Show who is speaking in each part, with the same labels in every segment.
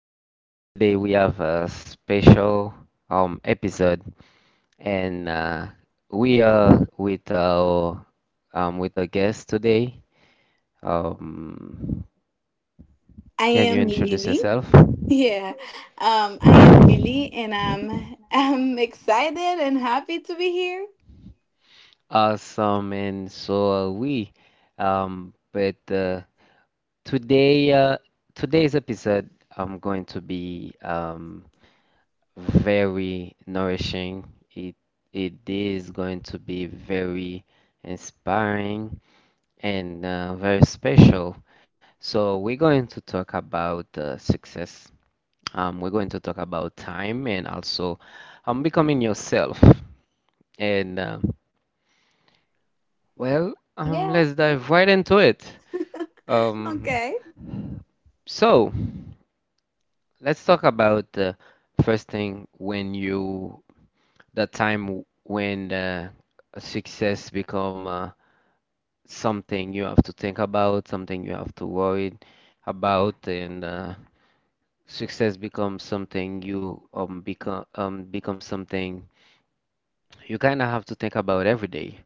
Speaker 1: So today we have a special episode, and we are with our with a guest today. Um,
Speaker 2: I
Speaker 1: can you
Speaker 2: am
Speaker 1: introduce
Speaker 2: Lily.
Speaker 1: yourself?
Speaker 2: Yeah, I am Lily, and I'm I'm excited and happy to be here.
Speaker 1: Awesome, and so are we. Um, but uh, today, uh, Today's episode, I'm going to be very nourishing. It it is going to be very inspiring and very special. So we're going to talk about success. We're going to talk about time and also becoming yourself. And uh,
Speaker 2: Yeah.
Speaker 1: let's dive right into it. Um,
Speaker 2: Okay.
Speaker 1: so let's talk about the first thing when you that time when success become something you have to think about, something you have to worry about, and success becomes something you become become something you kind of have to think about every day.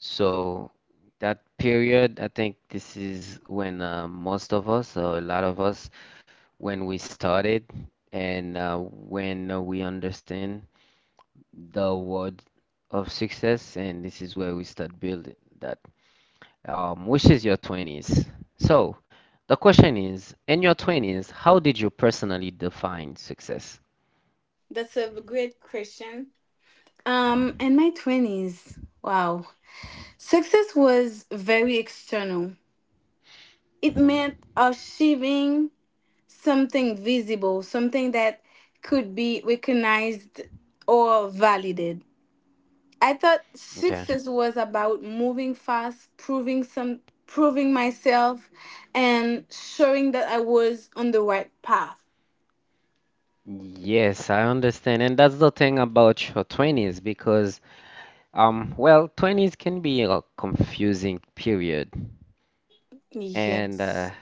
Speaker 1: So that period, I think this is when most of us, or a lot of us, when we started and when we understand the word of success, and this is where we start building that, which is your 20s. So, the question is, in your 20s, how did you personally define success?
Speaker 2: That's a great question. In my twenties, wow, success was very external. It
Speaker 1: Hmm.
Speaker 2: meant achieving something visible, something that could be recognized or validated. I thought
Speaker 1: Okay.
Speaker 2: success was about moving fast, proving myself and showing that I was on the right path.
Speaker 1: Yes, I understand. And that's the thing about your 20s because, well, 20s can be a confusing period. And
Speaker 2: Yes.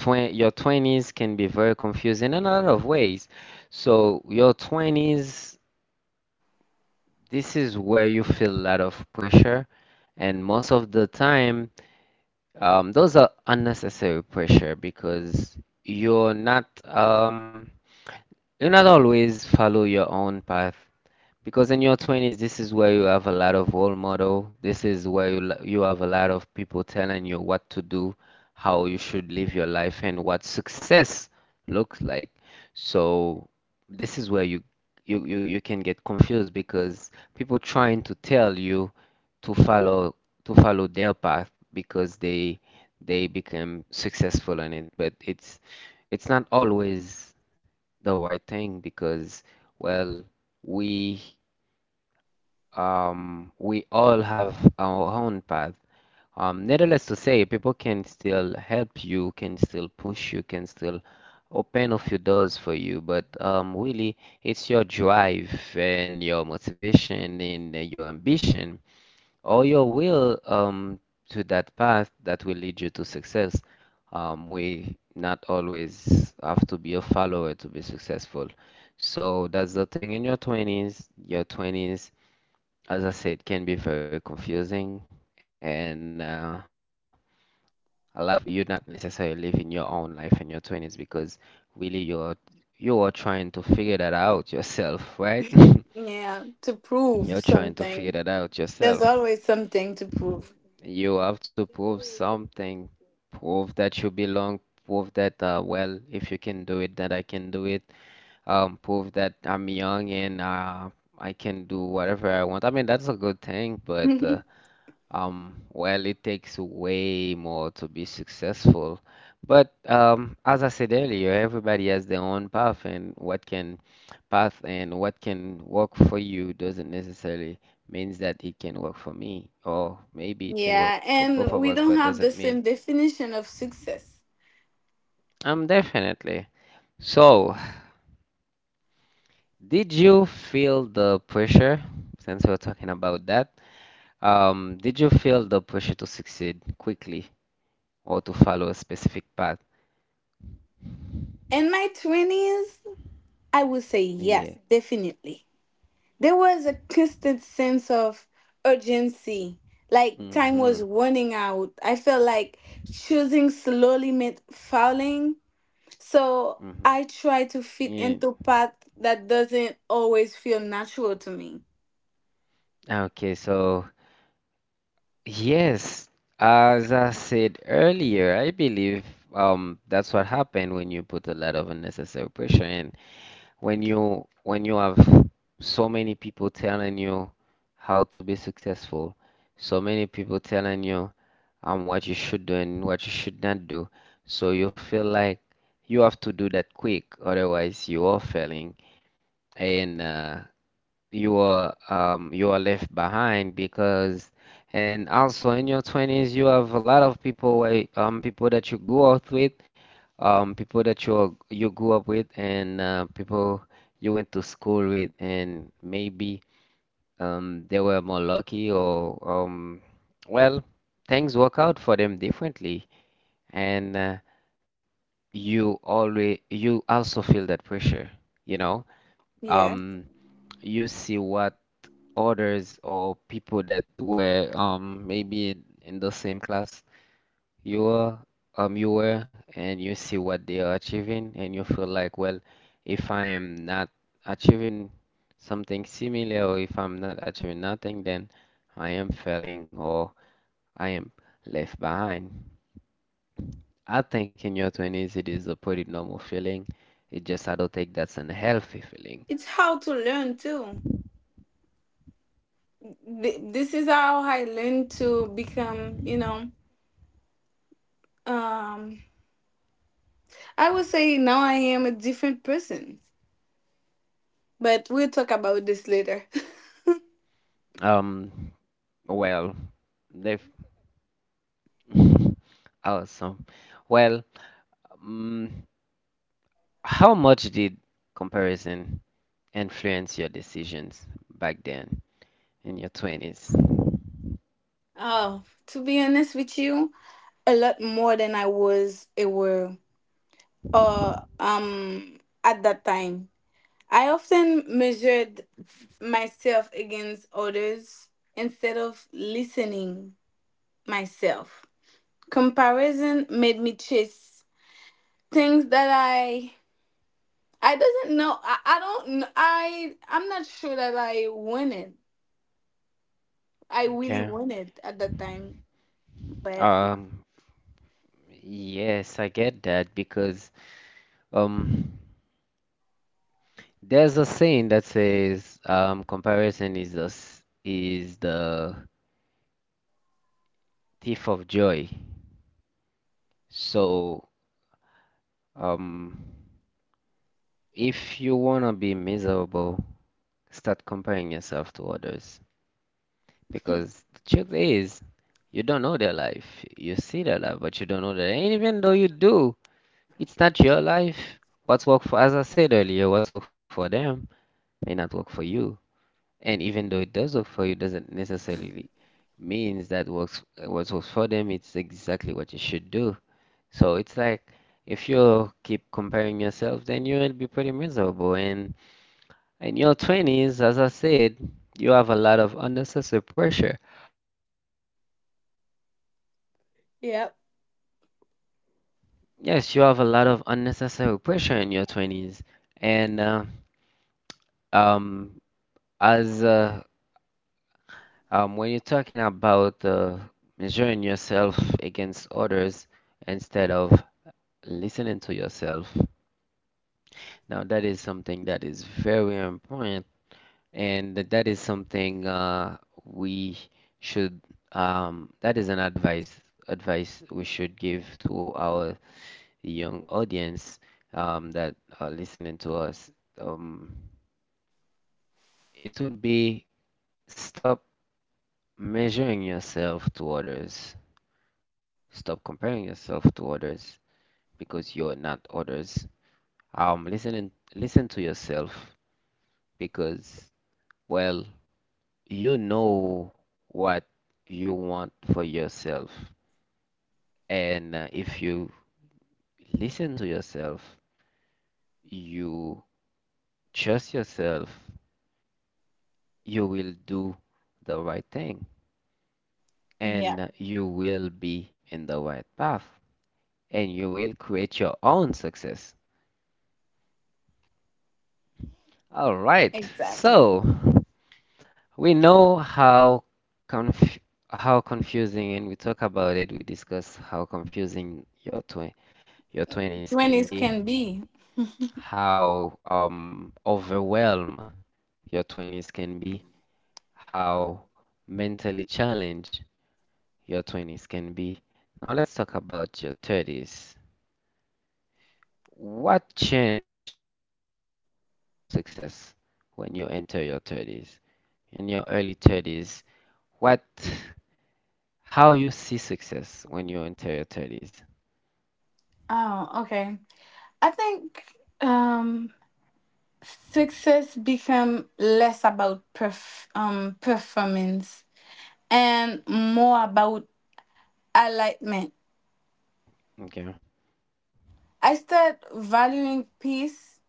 Speaker 1: twen your 20s can be very confusing in a lot of ways. So your 20s, this is where you feel a lot of pressure, and most of the time, those are unnecessary pressure because you're not you not always follow your own path, because in your 20s, this is where you have a lot of role model. This is where you have a lot of people telling you what to do, how you should live your life, and what success looks like. So this is where you can get confused because people trying to tell you to follow to follow their path because they become successful in it. But it's not always the right thing because, well, we we all have our own path. Needless to say, people can still help you, can still push you, can still open a few doors for you. But really, it's your drive and your motivation and your ambition or your will to that path that will lead you to success. We not always have to be a follower to be successful. So that's the thing in your 20s. Your 20s, as I said, can be very confusing, and a lot of you're not necessarily living your own life in your 20s because really you're trying to figure that out yourself, right?
Speaker 2: Yeah, to prove
Speaker 1: You're trying to
Speaker 2: something.
Speaker 1: figure that out
Speaker 2: There's
Speaker 1: yourself.
Speaker 2: always something to prove.
Speaker 1: You have to prove something, prove that you belong, prove that well, if you can do it, that I can do it. Prove that I'm young and I can do whatever I want. I mean, that's a good thing, but um, well, it takes way more to be successful. But as I said earlier, everybody has their own path, and what can work for you doesn't necessarily means that it can work for me, or maybe it can work
Speaker 2: Yeah,
Speaker 1: for
Speaker 2: and
Speaker 1: both
Speaker 2: we
Speaker 1: of us,
Speaker 2: don't
Speaker 1: but
Speaker 2: have the
Speaker 1: doesn't
Speaker 2: same
Speaker 1: mean.
Speaker 2: definition of success.
Speaker 1: Definitely. So, did you feel the pressure? Since we are talking about that, did you feel the pressure to succeed quickly or to follow a specific path?
Speaker 2: In my 20s, I would say yes,
Speaker 1: Yeah.
Speaker 2: definitely. There was a constant sense of urgency, like time was
Speaker 1: Mm-hmm.
Speaker 2: running out. I felt like choosing slowly meant fouling. So
Speaker 1: Mm-hmm.
Speaker 2: I try to fit
Speaker 1: Yeah.
Speaker 2: into path that doesn't always feel natural to me.
Speaker 1: Okay, so yes, as I said earlier, I believe that's what happened when you put a lot of unnecessary pressure in. When you have so many people telling you how to be successful, so many people telling you what you should do and what you should not do, so you feel like you have to do that quick, otherwise you are failing. And you are left behind because, and also in your 20s you have a lot of people people that you grew up with, people that you grew up with and people you went to school with and maybe they were more lucky or um, well, things work out for them differently and you also feel that pressure, you know,
Speaker 2: Yeah.
Speaker 1: um, you see what others or people that were maybe in the same class you were you were, and you see what they are achieving and you feel like, well, if I am not achieving something similar or if I'm not achieving nothing then I am failing or I am left behind. I think in your 20s it is a pretty normal feeling. It just I don't think that's an healthy
Speaker 2: It's how
Speaker 1: feeling.
Speaker 2: to learn too. This is how I learned to become, you know, um I would say now I am a different person. But we'll talk about this later.
Speaker 1: Um well, the Awesome. Well, um, how much did comparison influence your decisions back then in your 20s?
Speaker 2: Oh, to be honest with you, a lot more than I was aware or at that time. I often measured myself against others instead of listening myself. Comparison made me chase things that I doesn't know I don't kn- I I'm not sure that I wanted. I really
Speaker 1: Okay.
Speaker 2: wanted at that time, but
Speaker 1: Um, yes, I get that because um, there's a saying that says comparison is is the thief of joy. So, um, if you wanna be miserable, start comparing yourself to others. Because the truth is, you don't know their life. You see their life, but you don't know their. And even though you do, it's not your life. What's work for, as I said earlier, what's work for them may not work for you. And even though it does work for you, doesn't necessarily means that works what works for them. It's exactly what you should do. So it's like if you keep comparing yourself, then you'll be pretty miserable. And in your 20s, as I said, you have a lot of unnecessary pressure.
Speaker 2: yep,
Speaker 1: Yes, you have a lot of unnecessary pressure in your 20s. And um, as when you're talking about measuring yourself against others instead of listening to yourself, now that is something that is very important, and that is something we should that is an advice we should give to our young audience that are listening to us. Um, It would be stop measuring yourself to others. Stop comparing yourself to others because you're not others. Listen and listen to yourself because, well, you know what you want for yourself. And if you listen to yourself, you trust yourself, you will do the right thing
Speaker 2: yeah,
Speaker 1: and you will be in the right path. And you will create your own success. All right,
Speaker 2: exactly.
Speaker 1: so we know how conf how confusing, and we talk about it. We discuss how confusing your 20s can
Speaker 2: 20s
Speaker 1: be,
Speaker 2: can be.
Speaker 1: how overwhelmed your 20s can be, how mentally challenged your 20s can be. Now let's talk about your 30s. What changed in your definition of success when you enter your 30s? In your early 30s, what how you see success when you enter your 30s?
Speaker 2: Oh, okay. I think um success become less about performance and more about alignment.
Speaker 1: Okay.
Speaker 2: I start valuing peace,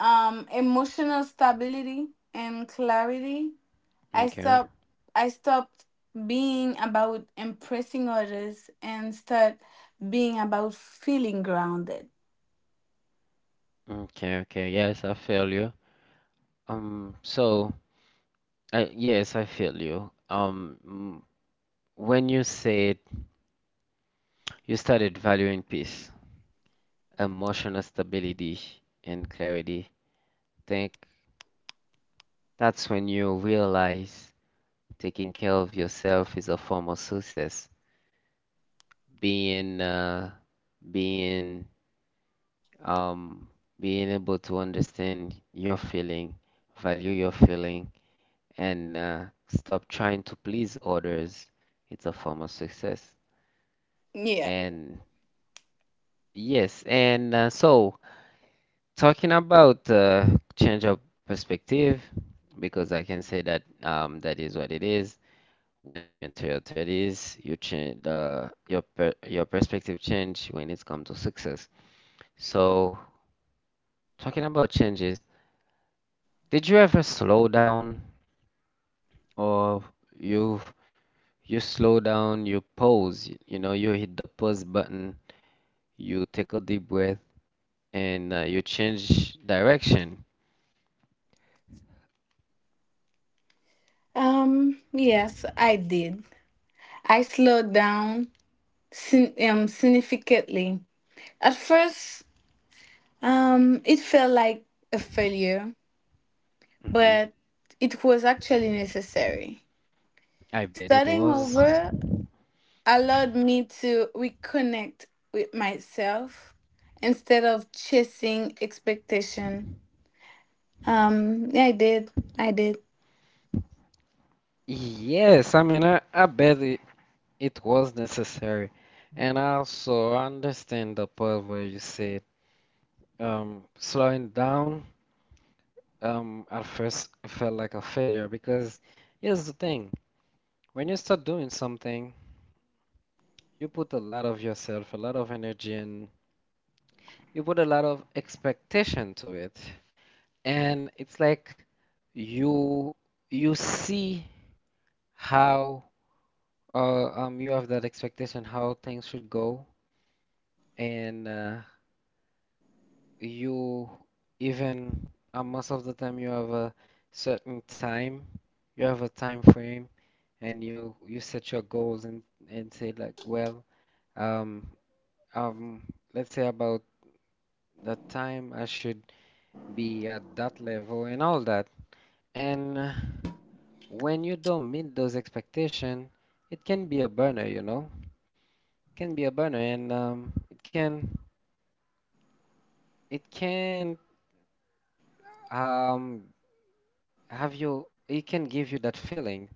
Speaker 2: emotional stability and clarity. I
Speaker 1: Okay.
Speaker 2: stop I stopped being about impressing others and start being about feeling grounded.
Speaker 1: Okay, okay. Yes, I feel you. So I, yes, I feel you. Mm, when you said you started valuing peace, emotional stability, and clarity, think that's when you realize taking care of yourself is a form of success. Being being um being able to understand your feeling, value your feeling, and stop trying to please others. It's a form of success.
Speaker 2: Yeah.
Speaker 1: And yes, and so talking about change of perspective, because I can say that that is what it is. When you enter your 30s, you change your perspective change when it comes to success. So, talking about changes, did you ever slow down or you you slow down, you pause, you know, you hit the pause button, you take a deep breath and you change direction.
Speaker 2: Yes, I did. I slowed down significantly. At first, it felt like a failure,
Speaker 1: Hmm.
Speaker 2: but it was actually necessary.
Speaker 1: I bet it
Speaker 2: Starting
Speaker 1: was.
Speaker 2: over allowed me to reconnect with myself instead of chasing expectation. Yeah, I did. I did.
Speaker 1: Yes, I mean, I bet it, it was necessary. And also, I understand the part where you said slowing down, at first it felt like a failure because here's the thing, when you start doing something, you put a lot of yourself, a lot of energy, and you put a lot of expectation to it. And it's like you you see how you have that expectation, how things should go, and you even most of the time you have a certain time, you have a time frame and you set your goals and say like, well, um, um, let's say about that time I should be at that level and all that. And when you don't meet those expectations, it can be a burner, you know? Can be a burner and it can um it can give you that feeling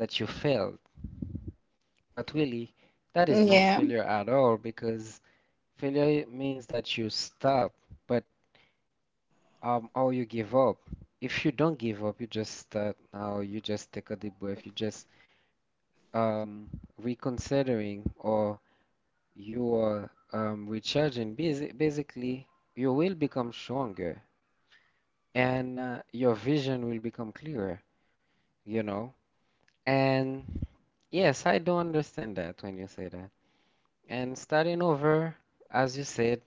Speaker 1: that you failed. But really, that is not
Speaker 2: Yeah,
Speaker 1: failure at all because failure means that you stop. But um, or you give up. If you don't give up, you just start now, you just take a deep breath, you just um reconsidering or you are recharging. Basically, you will become stronger and your vision will become clearer, you know? And yes, I do understand that when you say that. And starting over, as you said,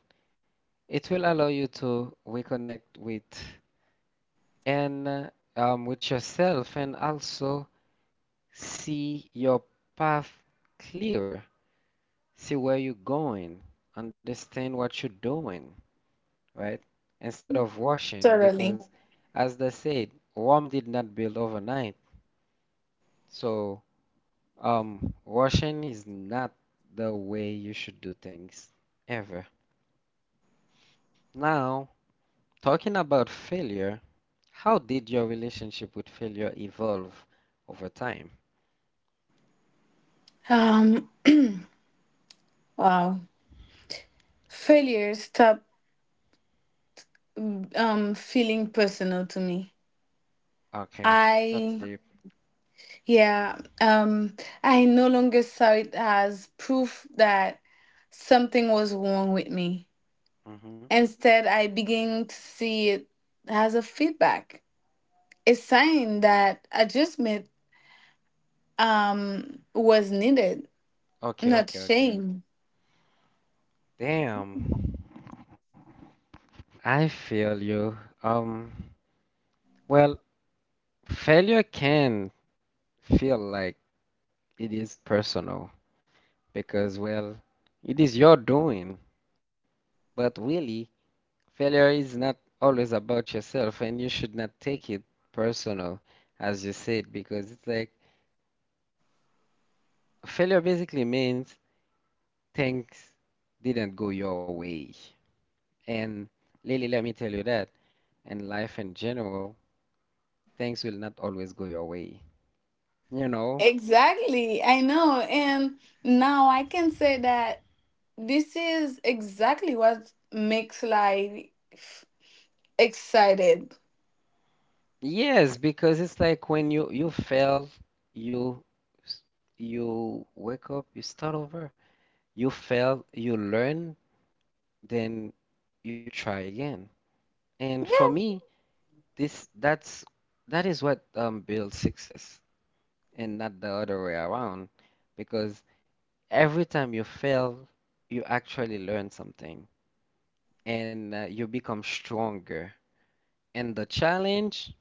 Speaker 1: it will allow you to reconnect with and with yourself and also see your path clearer. See where you're going. Understand what you're doing, right? Instead of rushing,
Speaker 2: totally.
Speaker 1: because as they said, Rome did not build overnight. So, rushing is not the way you should do things ever. Now, talking about failure, how did your relationship with failure evolve over time?
Speaker 2: Um, wow. Failure stopped feeling personal to me.
Speaker 1: Okay, that's
Speaker 2: I
Speaker 1: deep.
Speaker 2: yeah, um I no longer saw it as proof that something was wrong with me.
Speaker 1: hmm
Speaker 2: Instead, I began to see it as a feedback, a sign that adjustment was needed,
Speaker 1: Okay,
Speaker 2: not
Speaker 1: okay, okay.
Speaker 2: shame.
Speaker 1: Damn. I feel you. Um, well, failure can feel like it is personal because, well, it is your doing. But really, failure is not always about yourself, and you should not take it personal, as you said, because it's like failure basically means things didn't go your way. And Lily, let me tell you that, in life in general, things will not always go your way. You know,
Speaker 2: Exactly. I know. And now I can say that this is exactly what makes life excited.
Speaker 1: yes, because it's like when you fail, you s- you wake up, you start over. You fail, you learn, then you try again. And for me, this that's that is what builds success and not the other way around because every time you fail, you actually learn something and you become stronger and the challenge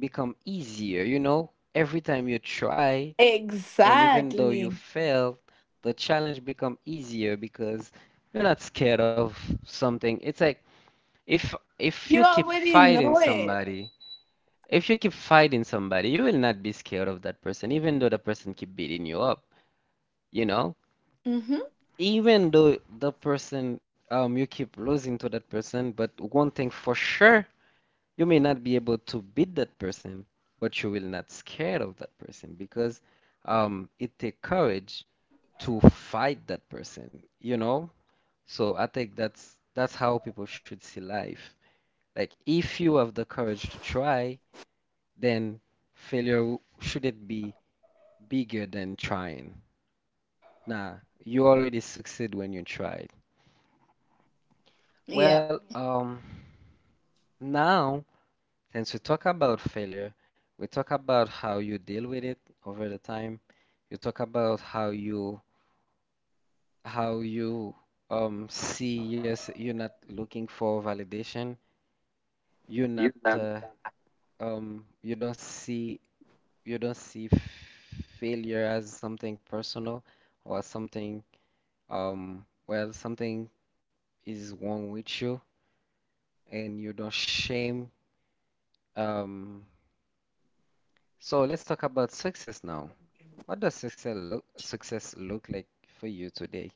Speaker 1: become easier, you know? Every time you try, and even though you
Speaker 2: Exactly.
Speaker 1: fail, the challenge become easier because you're not scared of something. It's like if if you
Speaker 2: You
Speaker 1: keep
Speaker 2: already
Speaker 1: fighting
Speaker 2: know it.
Speaker 1: somebody, if you keep fighting somebody, you will not be scared of that person, even though the person keep beating you up, you know?
Speaker 2: Mm-hmm.
Speaker 1: Even though the person you keep losing to that person, but one thing for sure, you may not be able to beat that person, but you will not scared of that person because it take courage to fight that person, you know? So I think that's how people should see life. Like if you have the courage to try, then failure shouldn't be bigger than trying. Nah, you already succeed when you tried. Well,
Speaker 2: Yep.
Speaker 1: um, now since we talk about failure, we talk about how you deal with it over the time. You talk about how you how you see, yes, you're not looking for validation. You're not uh, you don't see, you don't see failure as something personal or something well something is wrong with you, and you don't shame. Um so let's talk about success now. What does success look like for you today?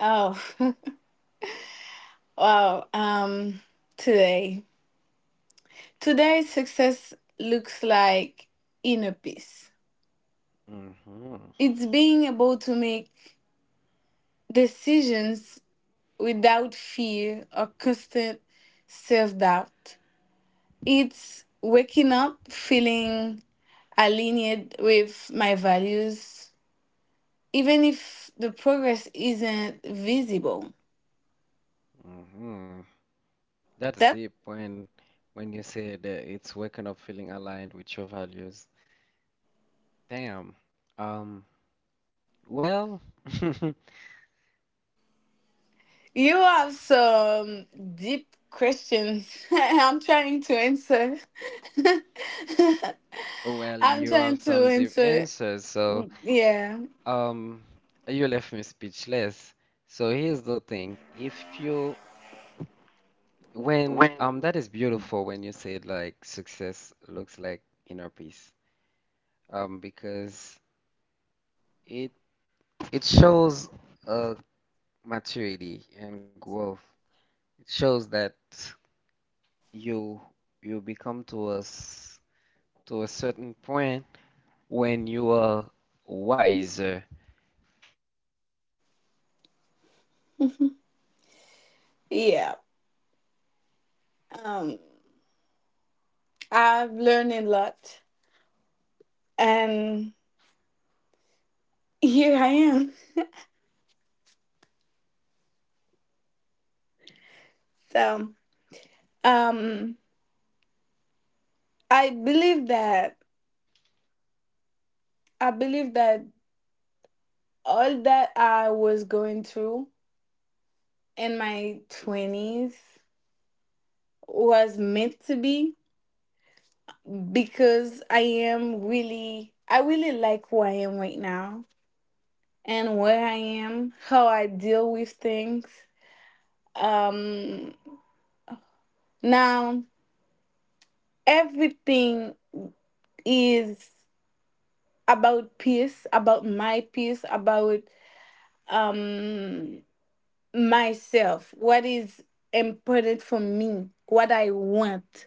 Speaker 2: Oh, wow. Today. Today, success looks like inner peace.
Speaker 1: Mm-hmm.
Speaker 2: It's being able to make decisions without fear or constant self doubt. It's waking up feeling aligned with my values, even if the progress isn't visible.
Speaker 1: Mm-hmm. That is
Speaker 2: That.
Speaker 1: deep when you say that it's waking up feeling aligned with your values. Damn. Um, well,
Speaker 2: You have some deep questions. I'm trying to answer.
Speaker 1: Well,
Speaker 2: I'm
Speaker 1: you have
Speaker 2: trying to
Speaker 1: some deep
Speaker 2: answer.
Speaker 1: answers, so
Speaker 2: Yeah,
Speaker 1: um, you left me speechless. So here's the thing: if you when that is beautiful when you say like success looks like inner peace, because it it shows uh maturity and growth. It shows that you you become to us to a certain point when you are wiser.
Speaker 2: yeah. Um, I've learned a lot, and here I am. So, um, I believe that I believe that all that I was going through in my twenties was meant to be because I really like who I am right now and where I am, how I deal with things. Um, now, everything is about peace, about my peace, about um, myself. What is important for me? What I want?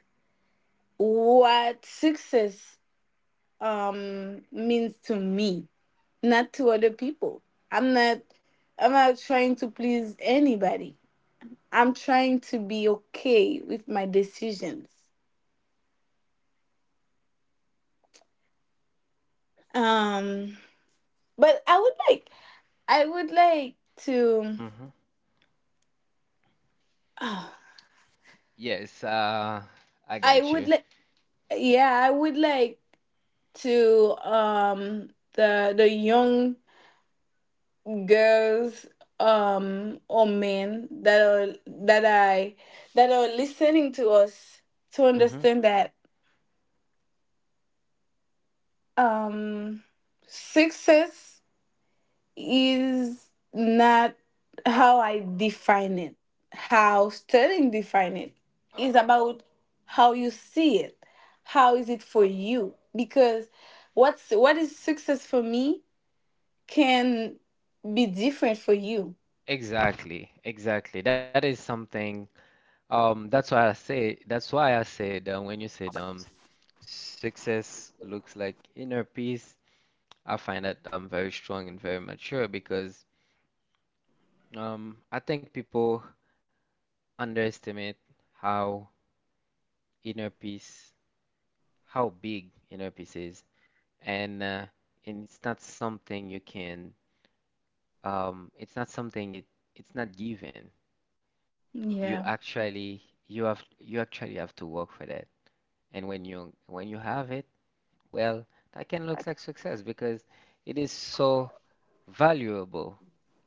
Speaker 2: What success means to me? Not to other people. I'm not I'm not trying to please anybody. I'm trying to be okay with my decisions. Um but I would like to
Speaker 1: Mhm.
Speaker 2: oh,
Speaker 1: Yes, I
Speaker 2: I
Speaker 1: got you.
Speaker 2: would like yeah, I would like to the young girls or men are that I that are listening to us to
Speaker 1: hmm
Speaker 2: understand that um success is not how I define it, how studying define it, is about how you see it, how is it for you because what is success for me can be different for you.
Speaker 1: Exactly, exactly. That is something. That's why I say. That's why I said when you said success looks like inner peace. I find that very strong and very mature because I think people underestimate how inner peace, how big inner peace is, and uh, and it's not something you can um it's not something it it's not given. you
Speaker 2: Yeah,
Speaker 1: actually you actually have to work for that. And when you have it, well, that can look like success because it is so valuable.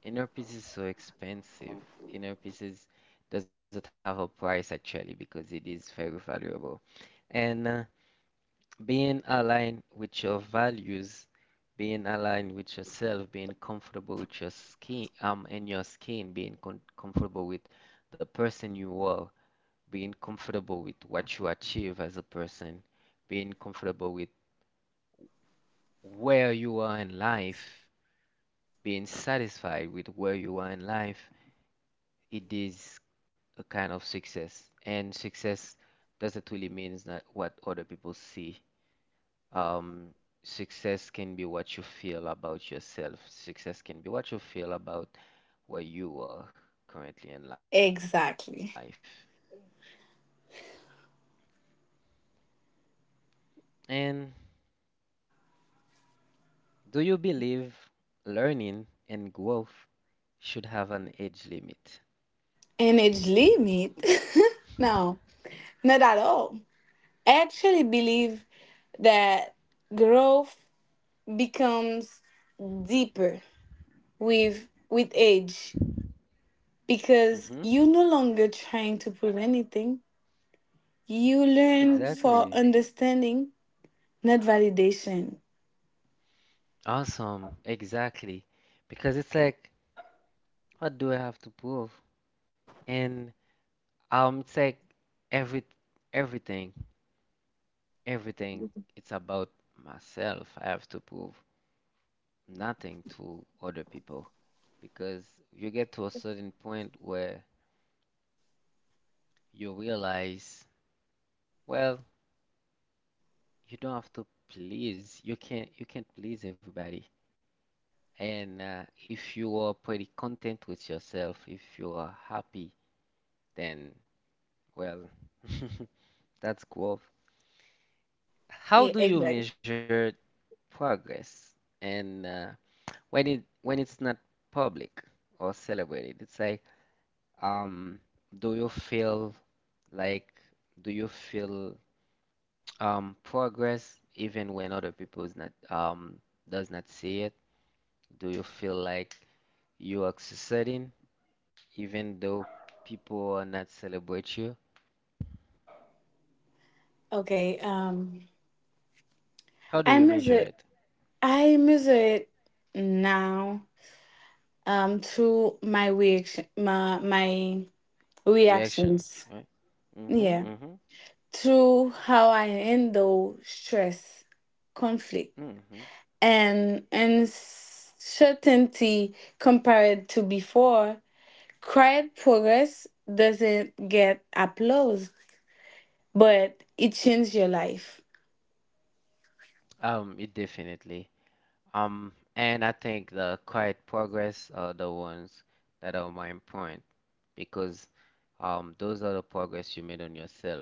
Speaker 1: Inner peace is so expensive. Inner peace is, doesn't have a price actually because it is very valuable. And Being aligned with your values, being aligned with yourself, being comfortable with your skin, being con comfortable with the person you are, being comfortable with what you achieve as a person, being comfortable with where you are in life, being satisfied with where you are in life, it is a kind of success. And success doesn't really mean that what other people see. Um, Success can be what you feel about yourself. Success can be what you feel about where you are currently in life.
Speaker 2: exactly.
Speaker 1: And do you believe learning and growth should have an age limit.
Speaker 2: And age limit? No, not at all. I actually believe that growth becomes deeper with age
Speaker 1: hmm
Speaker 2: because you no longer trying to prove anything. You learn
Speaker 1: Exactly. Mm.
Speaker 2: for understanding, not validation.
Speaker 1: Awesome. Exactly. Because it's like, what do I have to prove? And it's like every everything, everything. It's about myself. I have to prove nothing to other people. Because you get to a certain point where you realize, well, you don't have to please. You can't. You can't please everybody. And If you are pretty content with yourself, if you are happy, then well, that's growth.
Speaker 2: Yeah,
Speaker 1: How do you
Speaker 2: exactly.
Speaker 1: measure progress? And When it's not public or celebrated, it's like, um, do you feel like, do you feel progress even when other people is not does not see it? Do you feel like you are succeeding, even though people are not celebrate you?
Speaker 2: Okay.
Speaker 1: How do
Speaker 2: I
Speaker 1: you measure
Speaker 2: measure
Speaker 1: it?
Speaker 2: I measure it now through my
Speaker 1: Reaction, right?
Speaker 2: reactions.
Speaker 1: Mm-hmm, mm-hmm,
Speaker 2: Yeah. Through how I handle stress, conflict
Speaker 1: mm-hmm.
Speaker 2: and uncertainty compared to before, quiet progress doesn't get applause, but it changed your life.
Speaker 1: It definitely. And I think the quiet progress are the ones that are more important because those are the progress you made on yourself.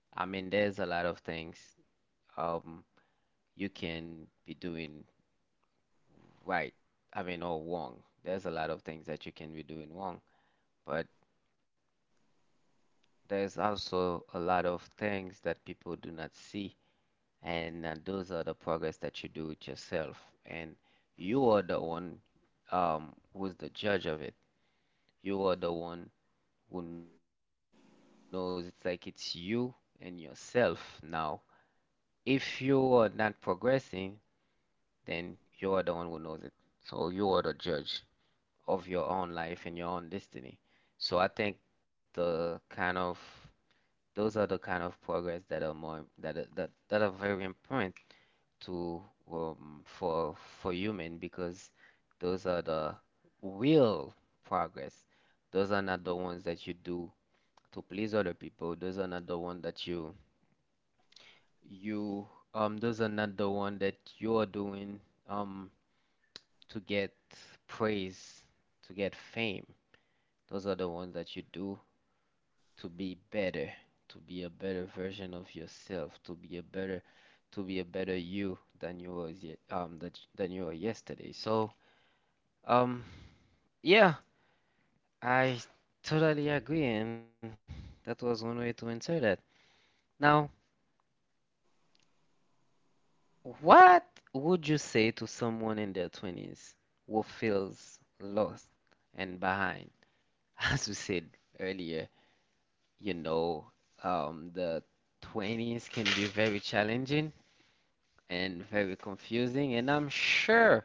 Speaker 1: I mean, there's a lot of things um, you can be doing right. I mean, or wrong. There's a lot of things that you can be doing wrong, but there's also a lot of things that people do not see, and those are the progress that you do with yourself. And you are the one who's the judge of it. You are the one who knows. It's like it's you and yourself now. If you are not progressing, then you are the one who knows it. So you are the judge of your own life and your own destiny. So I think the kind of those are the kind of progress that that are very important to for human because those are the real progress. Those are not the ones that you do to please other people. Those are not the one that you those are not the one that you are doing um to get praise, to get fame. Those are the ones that you do to be better, to be a better version of yourself, to be a better you than you was ye- that y- than you were yesterday. So um yeah, I totally agree, and that was one way to answer that. Now, what would you say to someone in their 20s who feels lost and behind? As we said earlier, you know, the 20s can be very challenging and very confusing. And I'm sure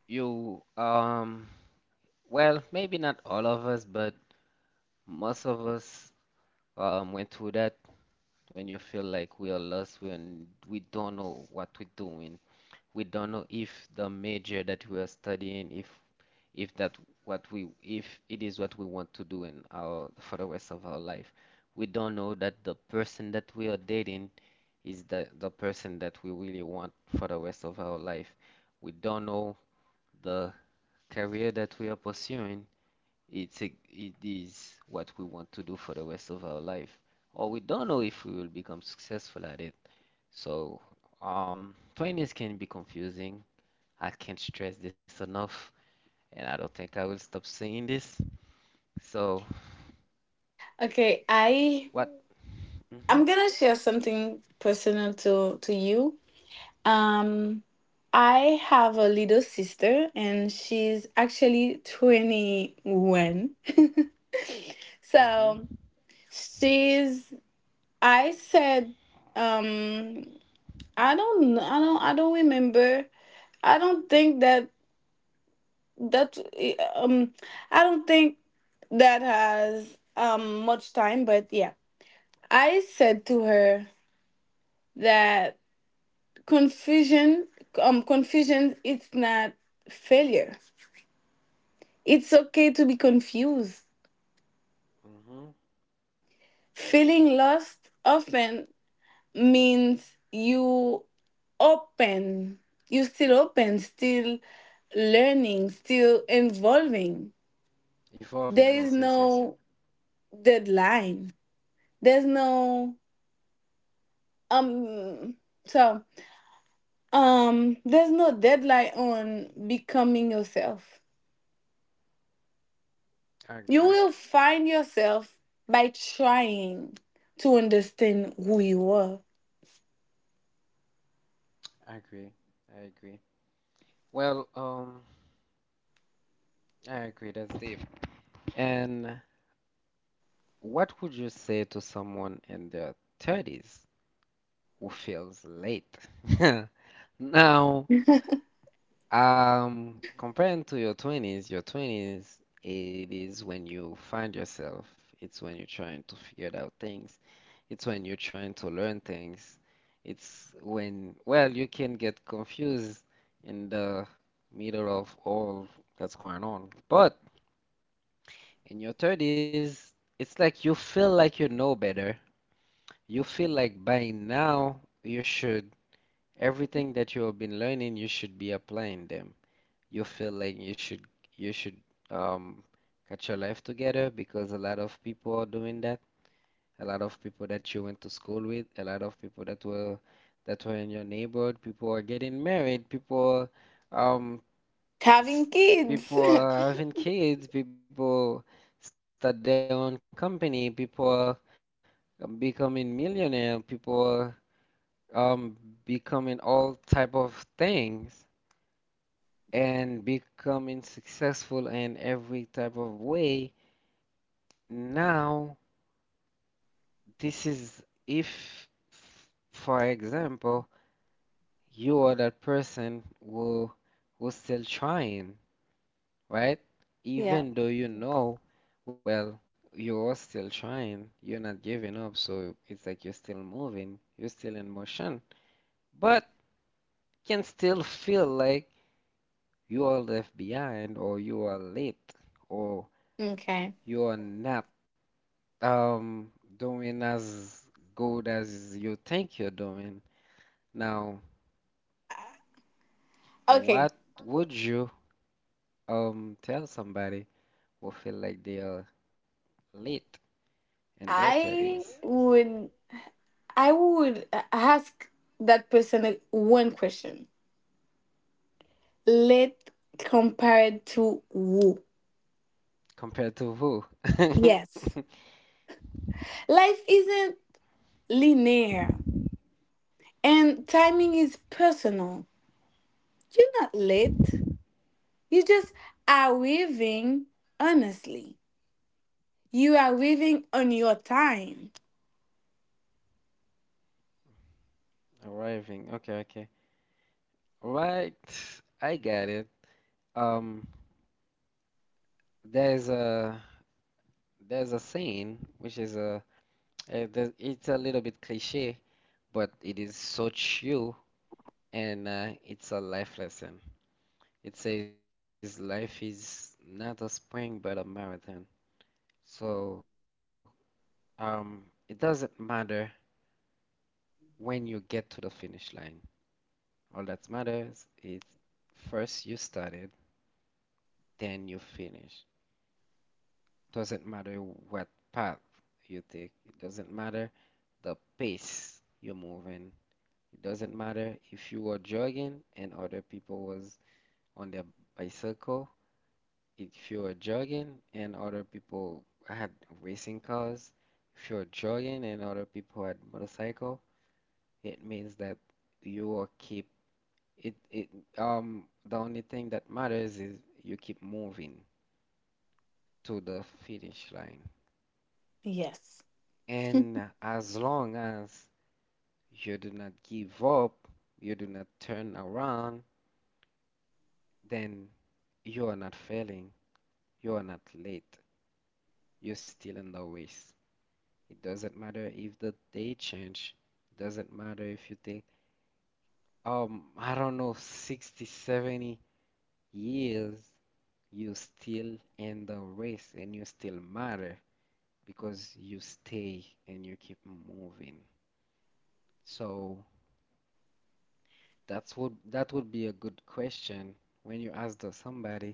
Speaker 1: you, well, maybe not all of us, but most of us went through that when you feel like we are lost when we don't know what we're doing. We don't know if the major that we are studying, if that what we, if it is what we want to do in our for the rest of our life. We don't know that the person that we are dating is the person that we really want for the rest of our life. We don't know the career that we are pursuing, it is what we want to do for the rest of our life, or we don't know if we will become successful at it. So, 20s can be confusing. I can't stress this enough, and I don't think I will stop saying this. So,
Speaker 2: Okay,
Speaker 1: what? hmm
Speaker 2: I'm gonna share something personal to you. Um, I have a little sister, and she's actually 21.
Speaker 1: hmm
Speaker 2: So she's I said um I don't remember. I don't think that that eh, um I don't think that has much time but yeah. I said to her that confusion confusion it's not failure. It's okay to be confused.
Speaker 1: Mm-hmm.
Speaker 2: Feeling lost often means you open. You still open, still learning, still evolving. There
Speaker 1: Evolving,
Speaker 2: is
Speaker 1: yes, yes, yes.
Speaker 2: no deadline, there's no um so there's no deadline on becoming yourself.
Speaker 1: I
Speaker 2: You
Speaker 1: agree.
Speaker 2: will find yourself by trying to understand who you are.
Speaker 1: I agree. I agree. Well, I agree. That's deep. And what would you say to someone in their 30s who feels late? Now, comparing to your 20s, your 20s, it is when you find yourself. It's when you're trying to figure out things. It's when you're trying to learn things. It's when, well, you can get confused in the middle of all that's going on. But in your 30s, it's like you feel like you know better. You feel like by now you should, everything that you have been learning, you should be applying them. You feel like you should um get your life together because a lot of people are doing that. A lot of people that you went to school with, a lot of people that were in your neighborhood, people are getting married, people um
Speaker 2: Having
Speaker 1: s-
Speaker 2: kids.
Speaker 1: people are having kids, people start their own company, people are becoming millionaire, people um, becoming all type of things and becoming successful in every type of way. Now, this is if, for example, you are that person who who's still trying, right? Even though
Speaker 2: Yeah.
Speaker 1: well, you are still trying, you're not giving up, so it's like you're still moving, you're still in motion, but can still feel like you are left behind or you are late or
Speaker 2: Okay,
Speaker 1: you are not um doing as good as you think you're doing. Now, what
Speaker 2: okay.
Speaker 1: would you tell somebody who feel like they are late in their 30s
Speaker 2: I would i would uh, ask that person one question. Let compared to who?
Speaker 1: compared to who?
Speaker 2: Yes. Life isn't linear, and timing is personal. You're not late. You just are living honestly. You are living on your time.
Speaker 1: Arriving. Okay, okay. Right. I got it. Um, there's a there's a saying which is a it's a little bit cliche, but it is so chill, and it's a life lesson. It says life is not a sprint but a marathon. So um, it doesn't matter when you get to the finish line. All that matters is first you started, then you finish. Doesn't matter what path you take. It doesn't matter the pace you're moving. It doesn't matter if you were jogging and other people was on their bicycle if you're jogging and other people had racing cars, if you're jogging and other people had motorcycle, it means that you are keep it it the only thing that matters is you keep moving to the finish line.
Speaker 2: Yes.
Speaker 1: And as long as you do not give up, you do not turn around, then you are not failing, you are not late, you're still in the race. It doesn't matter if the day change. It doesn't matter if you take I don't know, 60, 70 years, you still in the race and you still matter because you stay and you keep moving. So that's what, that would be a good question when you ask the somebody,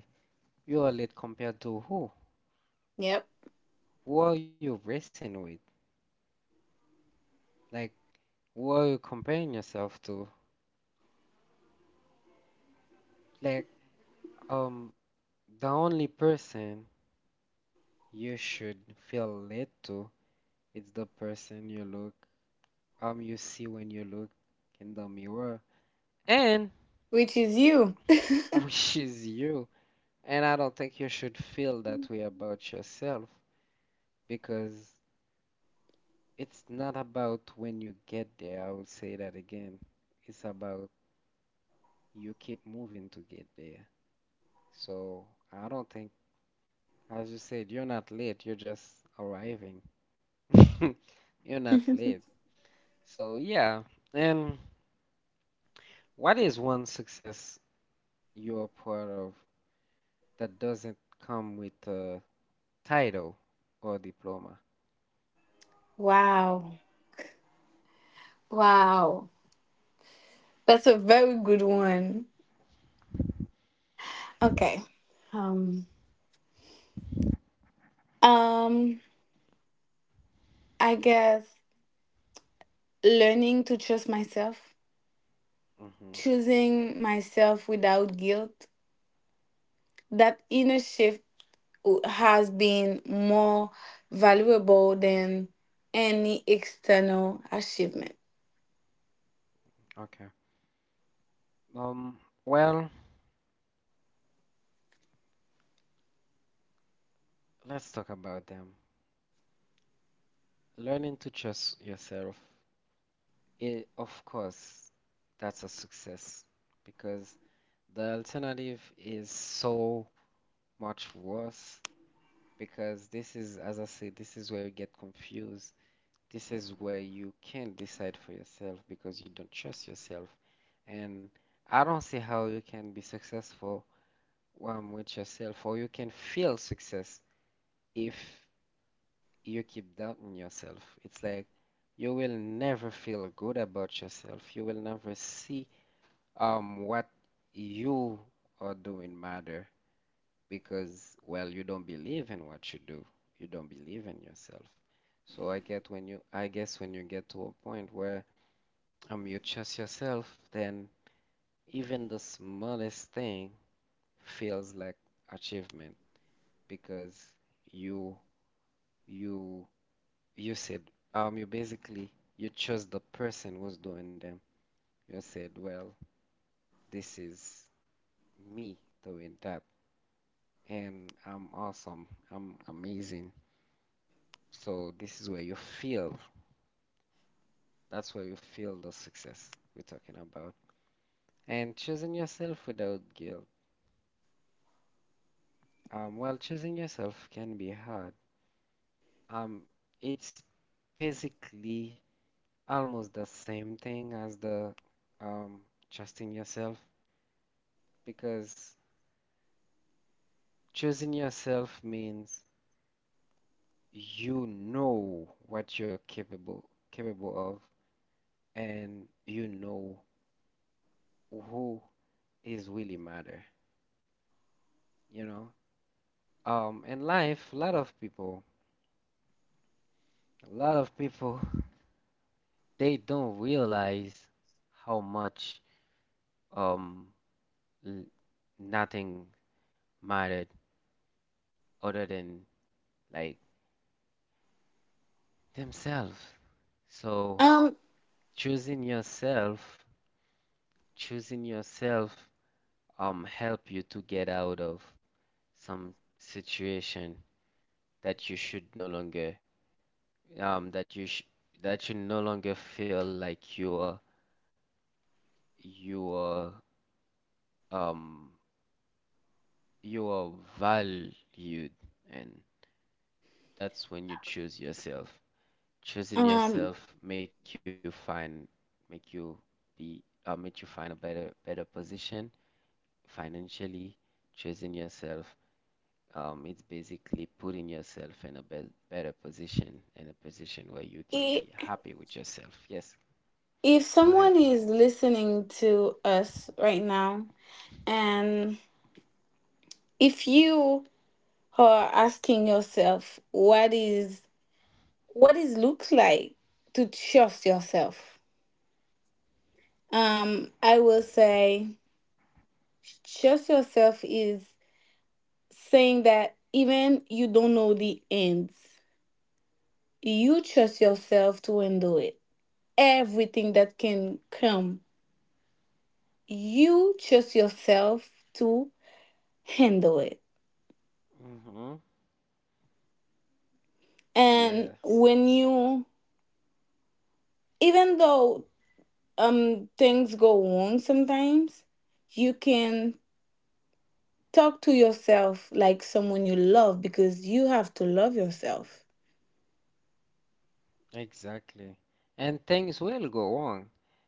Speaker 1: you are late compared to who?
Speaker 2: Yep.
Speaker 1: Who are you racing with? Like, who are you comparing yourself to? Like, um, the only person you should feel it to. It's the person you look, you see when you look in the mirror, and
Speaker 2: Which is you.
Speaker 1: which is you. And I don't think you should feel that way about yourself because it's not about when you get there. I will say that again. It's about you keep moving to get there. So I don't think, as you said, you're not late. You're just arriving. You're not late. So yeah, and. What is one success you're proud of that doesn't come with a title or diploma?
Speaker 2: Wow. Wow. That's a very good one. Okay. Um um I guess learning to trust myself,
Speaker 1: Hmm.
Speaker 2: choosing myself without guilt. That inner shift has been more valuable than any external achievement.
Speaker 1: Okay. Um, well, let's talk about them. Learning to trust yourself, I of course, that's a success because the alternative is so much worse because this is, as I said, this is where you get confused. This is where you can't decide for yourself because you don't trust yourself. And I don't see how you can be successful with yourself, or you can feel success if you keep doubting yourself. It's like you will never feel good about yourself. You will never see what you are doing matter because, well, you don't believe in what you do. You don't believe in yourself. So I get when you, I guess when you get to a point where you trust yourself, then even the smallest thing feels like achievement because you you you said you basically you chose the person who's doing them. You said, well, this is me doing that, and I'm awesome. I'm amazing. So this is where you feel. That's where you feel the success we're talking about. And choosing yourself without guilt. Well, choosing yourself can be hard. Um, it's basically almost the same thing as the um, trusting yourself because choosing yourself means you know what you're capable of and you know who is really matter, you know in life a lot of people they don't realize how much um l- nothing mattered other than like themselves. So
Speaker 2: Um,
Speaker 1: choosing yourself, choosing yourself, help you to get out of some situation that you should no longer, um, that you sh that you no longer feel like you are, you are, um, you are valued, and that's when you choose yourself. Choosing
Speaker 2: um,
Speaker 1: yourself make you find, make you be, make you find a better position financially. Choosing yourself, it's basically putting yourself in a be better position, in a position where you can be
Speaker 2: i-
Speaker 1: happy with yourself. Yes,
Speaker 2: if
Speaker 1: go ahead.
Speaker 2: someone is listening to us right now, and if you are asking yourself, what is looks like to trust yourself? I will say, trust yourself is saying that even you don't know the ends, you trust yourself to handle it. Everything that can come, you trust yourself to handle it.
Speaker 1: Mm-hmm.
Speaker 2: And
Speaker 1: Yes,
Speaker 2: when you, even though things go wrong sometimes, you can talk to yourself like someone you love because you have to love yourself
Speaker 1: exactly. And things will go wrong.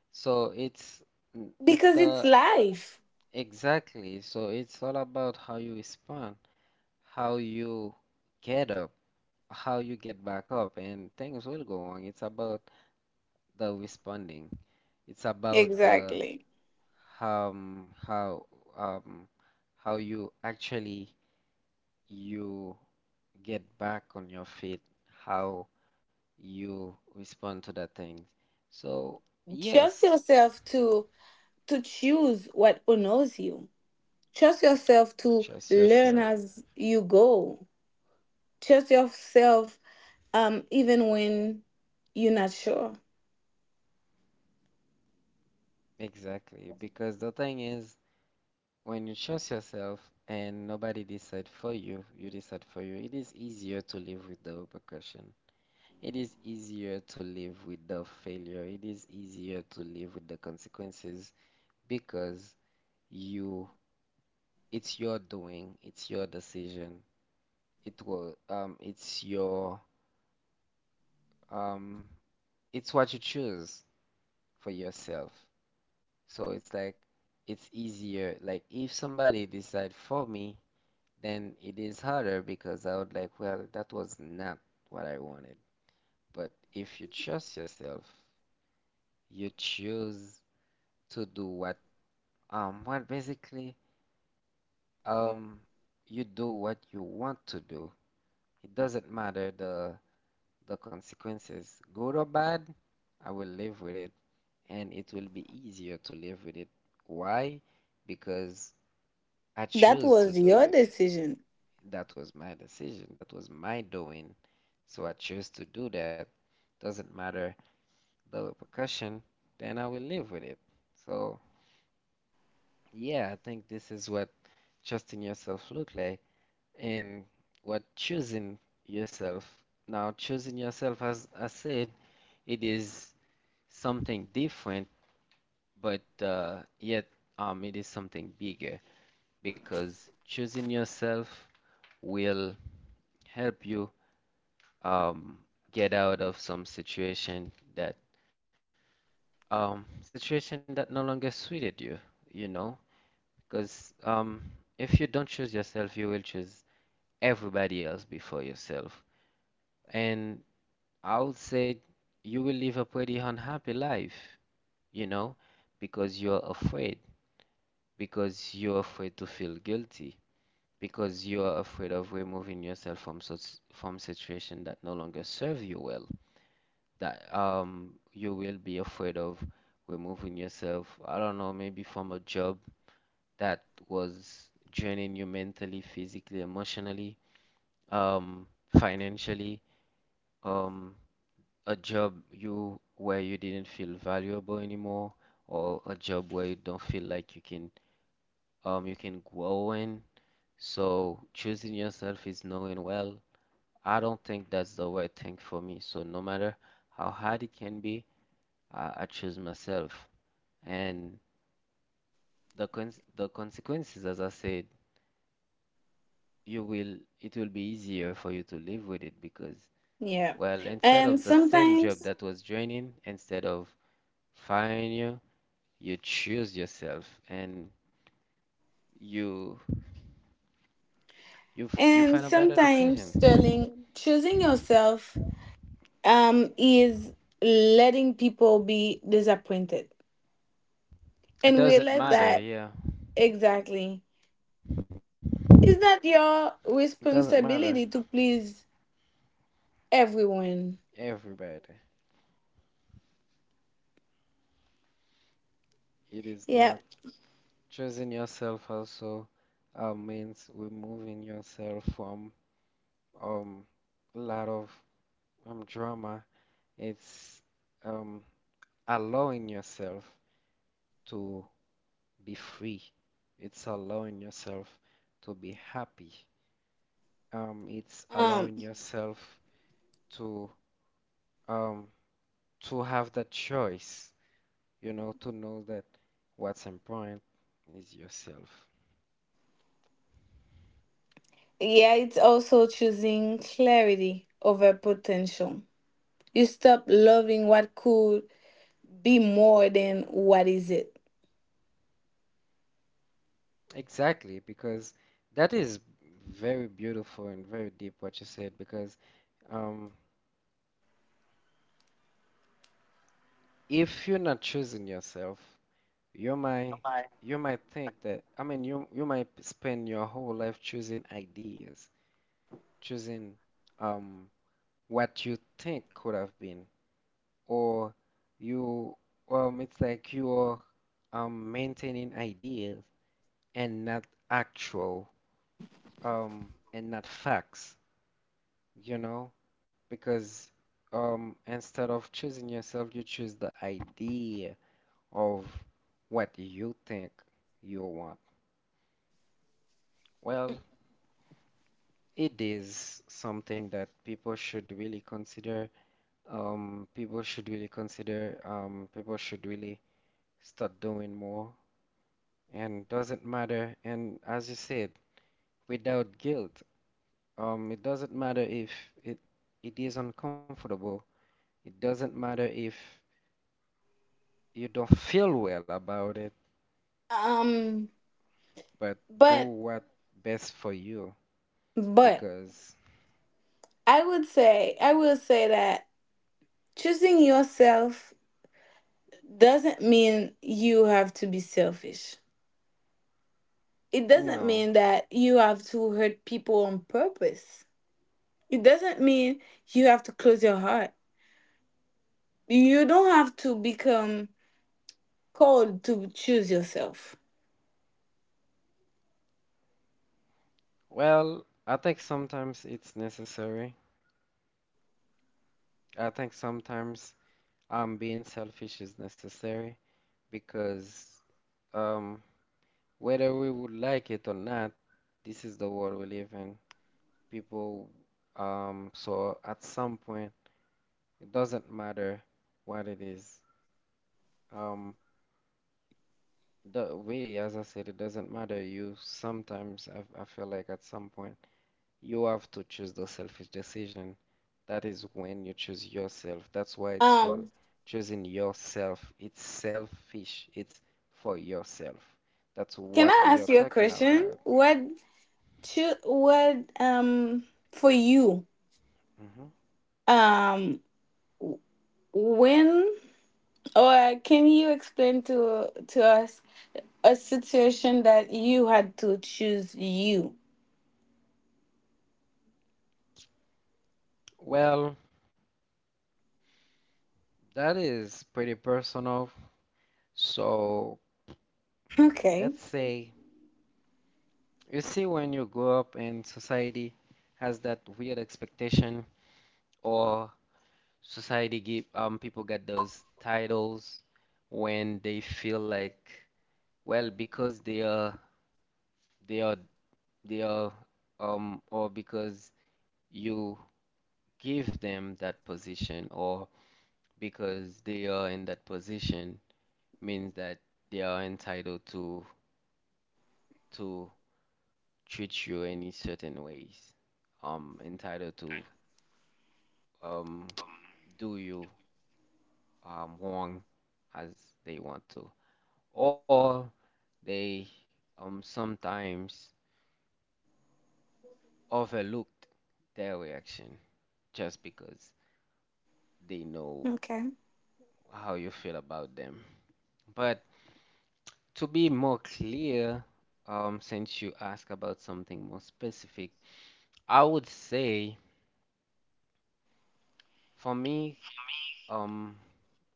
Speaker 1: So it's
Speaker 2: because
Speaker 1: the
Speaker 2: it's life.
Speaker 1: exactly. So it's all about how you respond, how you get up, how you get back up, and things will go wrong. It's about the responding. It's about the
Speaker 2: Exactly.
Speaker 1: um how um how you actually you get back on your feet, how you respond to that thing. So
Speaker 2: Trust
Speaker 1: yes,
Speaker 2: yourself to choose what honors you. Trust yourself
Speaker 1: trust
Speaker 2: to
Speaker 1: yourself.
Speaker 2: learn as you go. Trust yourself even when you're not sure.
Speaker 1: Exactly, because the thing is, when you trust yourself and nobody decide for you, you decide for you, it is easier to live with the repercussion. It is easier to live with the failure. It is easier to live with the consequences because you, it's your doing, it's your decision. It will, it's your, um, it's what you choose for yourself. So it's like it's easier. Like if somebody decide for me, then it is harder because I would like, well, that was not what I wanted. But if you trust yourself, you choose to do what, um, what basically, um, you do what you want to do. It doesn't matter the consequences, good or bad, I will live with it, and it will be easier to live with it. Why? Because I
Speaker 2: That was
Speaker 1: chose to
Speaker 2: your
Speaker 1: do it.
Speaker 2: decision.
Speaker 1: That was my decision. That was my doing. So I chose to do that. Doesn't matter the repercussion, then I will live with it. So, yeah, I think this is what trusting yourself look like and what choosing yourself. Now, choosing yourself, as I said, it is something different but yet it is something bigger because choosing yourself will help you um, get out of some situation that no longer suited you, you know, because if you don't choose yourself, you will choose everybody else before yourself, and I would say you will live a pretty unhappy life, you know, because you're afraid, because you're afraid to feel guilty because you are afraid of removing yourself from such from situation that no longer serve you well. That you will be afraid of removing yourself, I don't know, maybe from a job that was draining you mentally, physically, emotionally, um, financially, um, a job you where you didn't feel valuable anymore, or a job where you don't feel like you can grow in. So choosing yourself is knowing well I don't think that's the right thing for me. So no matter how hard it can be, I choose myself. And the consequences, as I said, you will it will be easier for you to live with it because,
Speaker 2: Yeah.
Speaker 1: well,
Speaker 2: And
Speaker 1: instead of the
Speaker 2: sometimes,
Speaker 1: same job that was draining, instead of firing you, you choose yourself and you
Speaker 2: and
Speaker 1: you find a
Speaker 2: sometimes,
Speaker 1: better decision.
Speaker 2: Sterling, choosing yourself is letting people be disappointed and realize
Speaker 1: It
Speaker 2: that
Speaker 1: doesn't matter, yeah.
Speaker 2: exactly. It's not your
Speaker 1: It doesn't
Speaker 2: responsibility
Speaker 1: matter.
Speaker 2: to please everyone.
Speaker 1: Everybody. It
Speaker 2: Yeah.
Speaker 1: is not. Choosing yourself also means removing yourself from um, a lot of drama. It's um, allowing yourself to be free. It's allowing yourself to be happy. It's
Speaker 2: Um.
Speaker 1: allowing yourself to um, to have that choice, you know, to know that what's important is yourself.
Speaker 2: Yeah, it's also choosing clarity over potential. You stop loving what could be more than what is it.
Speaker 1: Exactly, because that is very beautiful and very deep what you said. Because um, if you're not choosing yourself, you might you might think that you might spend your whole life choosing ideas, choosing um what you think could have been, or you it's like you're maintaining ideas and not actual um and not facts, you know. Because instead of choosing yourself, you choose the idea of what you think you want. Well, it is something that people should really consider. People should really start doing more. And doesn't matter. And as you said, without guilt, it doesn't matter if it it is uncomfortable. It doesn't matter if you don't feel well about it
Speaker 2: Um,
Speaker 1: but do
Speaker 2: but
Speaker 1: what best for you
Speaker 2: but
Speaker 1: because
Speaker 2: I will say that choosing yourself doesn't mean you have to be selfish. It doesn't
Speaker 1: no.
Speaker 2: mean that you have to hurt people on purpose. It doesn't mean you have to close your heart. You don't have to become cold to choose yourself.
Speaker 1: Well, I think sometimes it's necessary. I think sometimes being selfish is necessary because um whether we would like it or not, this is the world we live in. People so at some point it doesn't matter what it is. Um really, as I said, it doesn't matter. I feel like at some point you have to choose the selfish decision. That is when you choose yourself. That's why it's
Speaker 2: Um,
Speaker 1: called choosing yourself. It's selfish. It's for yourself. That's
Speaker 2: can I
Speaker 1: what
Speaker 2: ask
Speaker 1: we are
Speaker 2: you a
Speaker 1: talking
Speaker 2: question?
Speaker 1: about.
Speaker 2: What should what for you
Speaker 1: Mhm.
Speaker 2: um w- when or can you explain to us a situation that you had to choose you?
Speaker 1: Well, that is pretty personal. So
Speaker 2: Okay.
Speaker 1: let's say, you see, when you grow up and society has that weird expectation, or society give people get those titles when they feel like, well, because they are They are, or because you give them that position, or because they are in that position, means that they are entitled to treat you in a certain ways, entitled to um, do you wrong as they want to, or they sometimes overlooked their reaction just because they know
Speaker 2: Okay.
Speaker 1: how you feel about them. But to be more clear, since you ask about something more specific, I would say for me, um,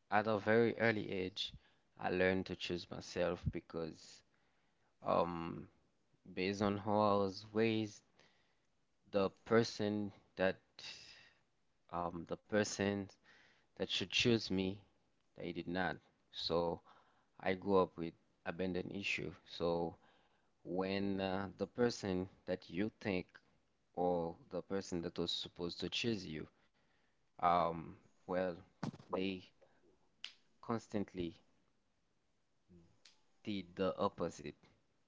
Speaker 1: at a very early age, I learned to choose myself because, um, based on how I was raised, the person that, the person that should choose me, they did not. So I grew up with abandon issue. So when the person that you think or the person that was supposed to choose you, um, well, they constantly did the opposite.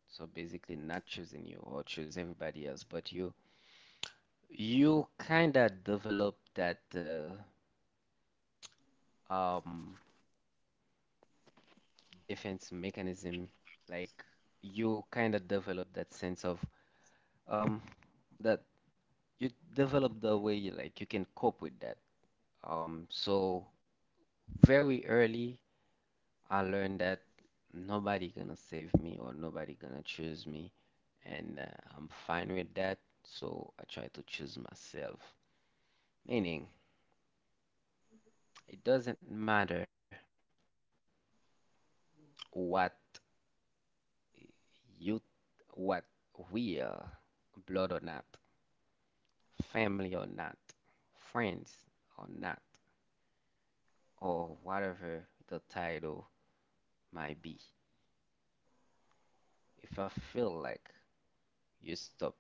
Speaker 1: So basically, not choosing you or choose everybody else but you. You kind of develop that um, defense mechanism, like you kind of develop that sense of um, that you develop the way you like you can cope with that. So very early I learned that nobody gonna save me or nobody gonna choose me, and I'm fine with that. So I try to choose myself. Meaning, it doesn't matter what you, what we are, blood or not, family or not, friends or not, or whatever the title might be. If I feel like you stop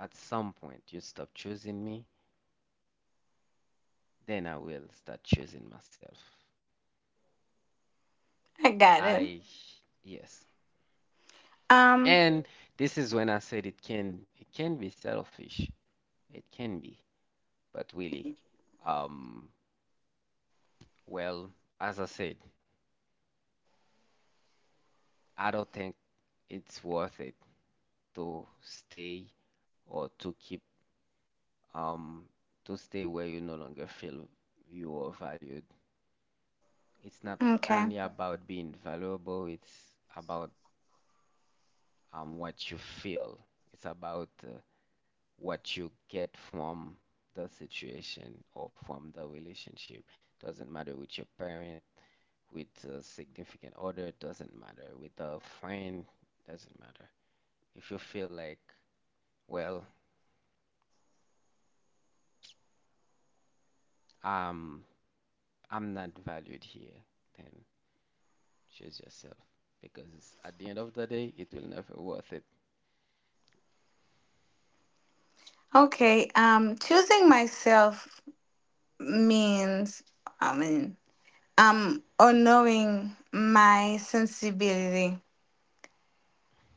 Speaker 1: at some point, you stop choosing me. Then I will start choosing myself.
Speaker 2: I got it.
Speaker 1: I, yes.
Speaker 2: Um
Speaker 1: And this is when I said it can be selfish. It can be, but really, um, well, as I said, I don't think it's worth it to stay or um to stay where you no longer feel you are valued. It's not
Speaker 2: okay.
Speaker 1: only about being valuable, it's about what you feel. It's about what you get from the situation or from the relationship. Doesn't matter with your parent, with a significant other, doesn't matter with a friend, doesn't matter. If you feel like, well, um, I'm not valued here, then choose yourself because at the end of the day, it will never worth it.
Speaker 2: Okay. Choosing myself means I mean honoring my sensibility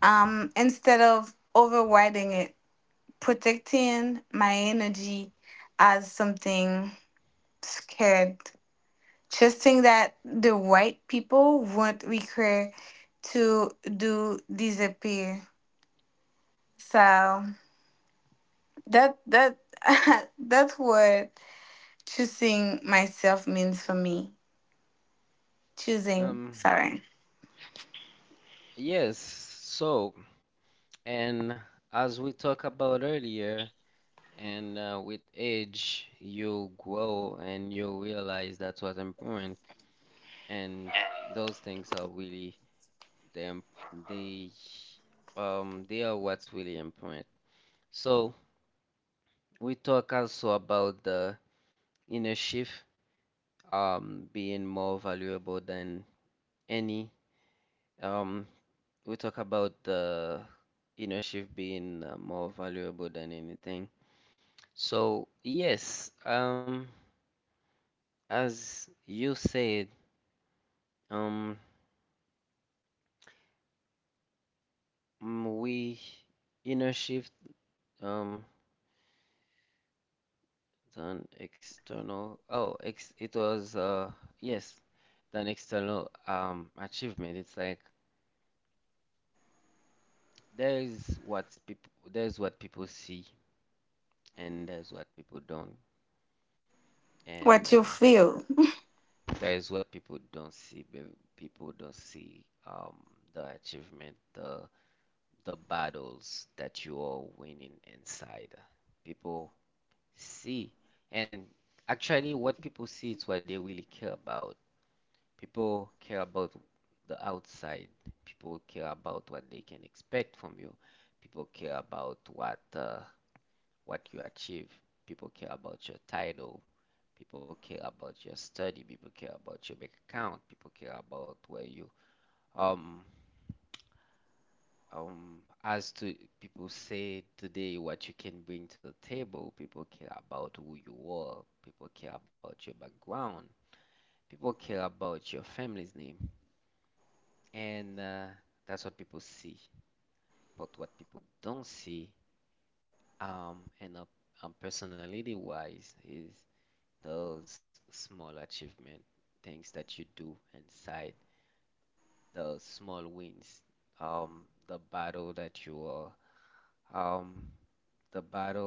Speaker 2: instead of overriding it, protecting my energy as something scared, trusting that the right people won't require to do disappear. So that that that's what choosing myself means for me. Choosing,
Speaker 1: Um,
Speaker 2: sorry,
Speaker 1: yes, so, and as we talked about earlier, and with age, you grow and you realize that's what's important. And those things are really they im- they they are what's really important. So we talk also about the inner shift being more valuable than any, um we talk about the inner shift being more valuable than anything. So yes, as you said. Um, we inner shift um done external. Oh, ex it was yes, than external achievement. It's like there's what people see and there's what people don't, and
Speaker 2: what you feel.
Speaker 1: there's what people don't see. People don't see the achievement, the battles that you are winning inside. People see. And actually, what people see is what they really care about. People care about the outside. People care about what they can expect from you. People care about what you achieve. People care about your title. People care about your study. People care about your bank account. People care about where you um as to people say today, what you can bring to the table. People care about who you are. People care about your background. People care about your family's name. And that's what people see. But what people don't see, and personality wise, is those small achievement things that you do inside, the small wins, the battle that you are, um the battle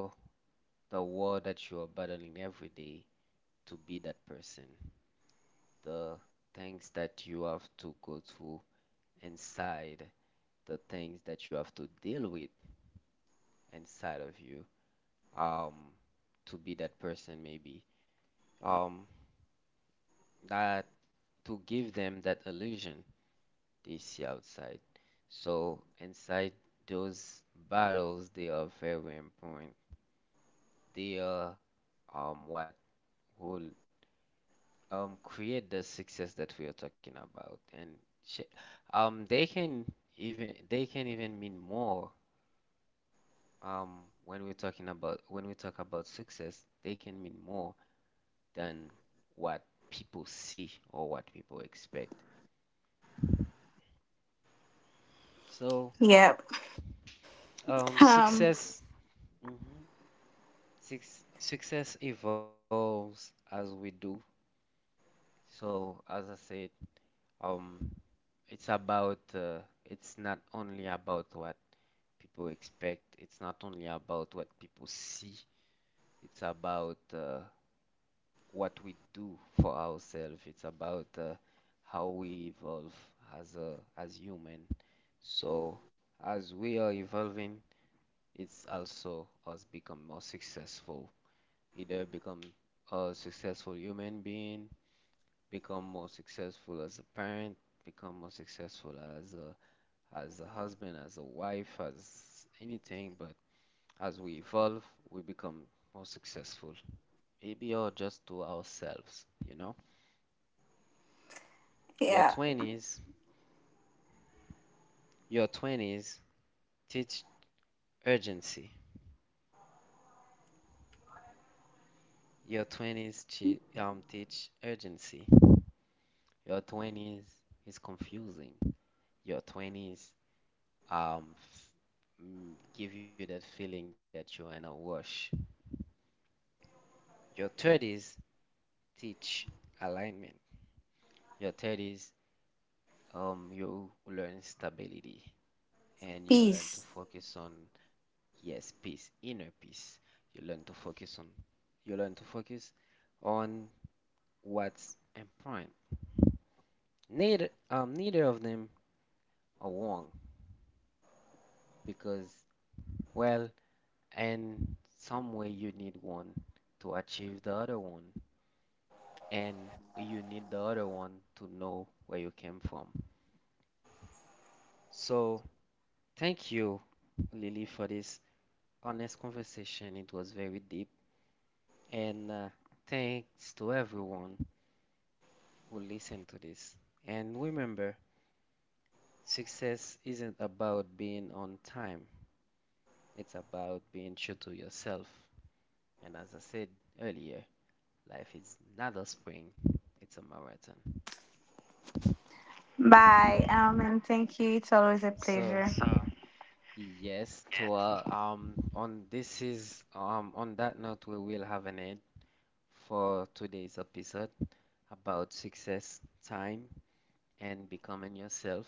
Speaker 1: the war that you are battling every day to be that person, the things that you have to go through inside, the things that you have to deal with inside of you, um, to be that person maybe, um, that to give them that illusion they see outside. So inside those battles, they are very important. They are what will create the success that we are talking about. And sh um they can they can even mean more when we talk about success. They can mean more than what people see or what people expect. so
Speaker 2: Yep.
Speaker 1: um
Speaker 2: Um.
Speaker 1: success mhm, Six, success evolves as we do. So as I said, um it's about it's not only about what people expect. It's not only about what people see, it's about what we do for ourselves. It's about how we evolve as a as human. So as we are evolving, it's also us become more successful. Either become a successful human being, become more successful as a parent, become more successful as a husband, as a wife, as anything, but as we evolve, we become more successful. Maybe or just to ourselves, you know? Your
Speaker 2: Yeah.
Speaker 1: 20s, your 20s teach urgency. Your 20s teach urgency. Your 20s is confusing. Your 20s um, f- give you that feeling that you're in a rush. Your 30s teach alignment. Your 30s, you learn stability and you learn to
Speaker 2: Peace.
Speaker 1: focus on, yes, peace, inner peace. You learn to focus on, you learn to focus on what's important. Neither of them are wrong because, well, in some way you need one to achieve the other one, and you need the other one to know where you came from. So thank you Lily for this honest conversation. It was very deep, and thanks to everyone who listen to this. And remember, success isn't about being on time, it's about being true to yourself. And as I said earlier, life is not a spring, it's a marathon.
Speaker 2: Bye, and thank you. It's always a
Speaker 1: So,
Speaker 2: pleasure. Sure.
Speaker 1: yes, to on this is on that note we will have an end for today's episode about success, time, and becoming yourself.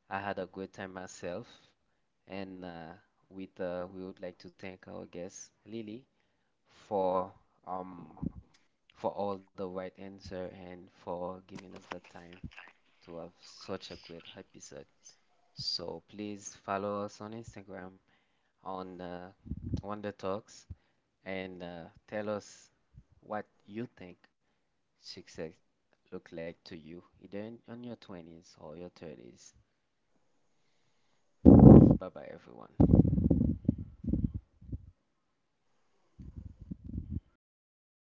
Speaker 1: I had a great time myself. And with we would like to thank our guest Lily for um for all the right answer and for giving us the time to have such a great episode. So please follow us on Instagram on Wonder Talks, and tell us what you think success look like to you, either on your 20s or your 30s. Bye bye everyone.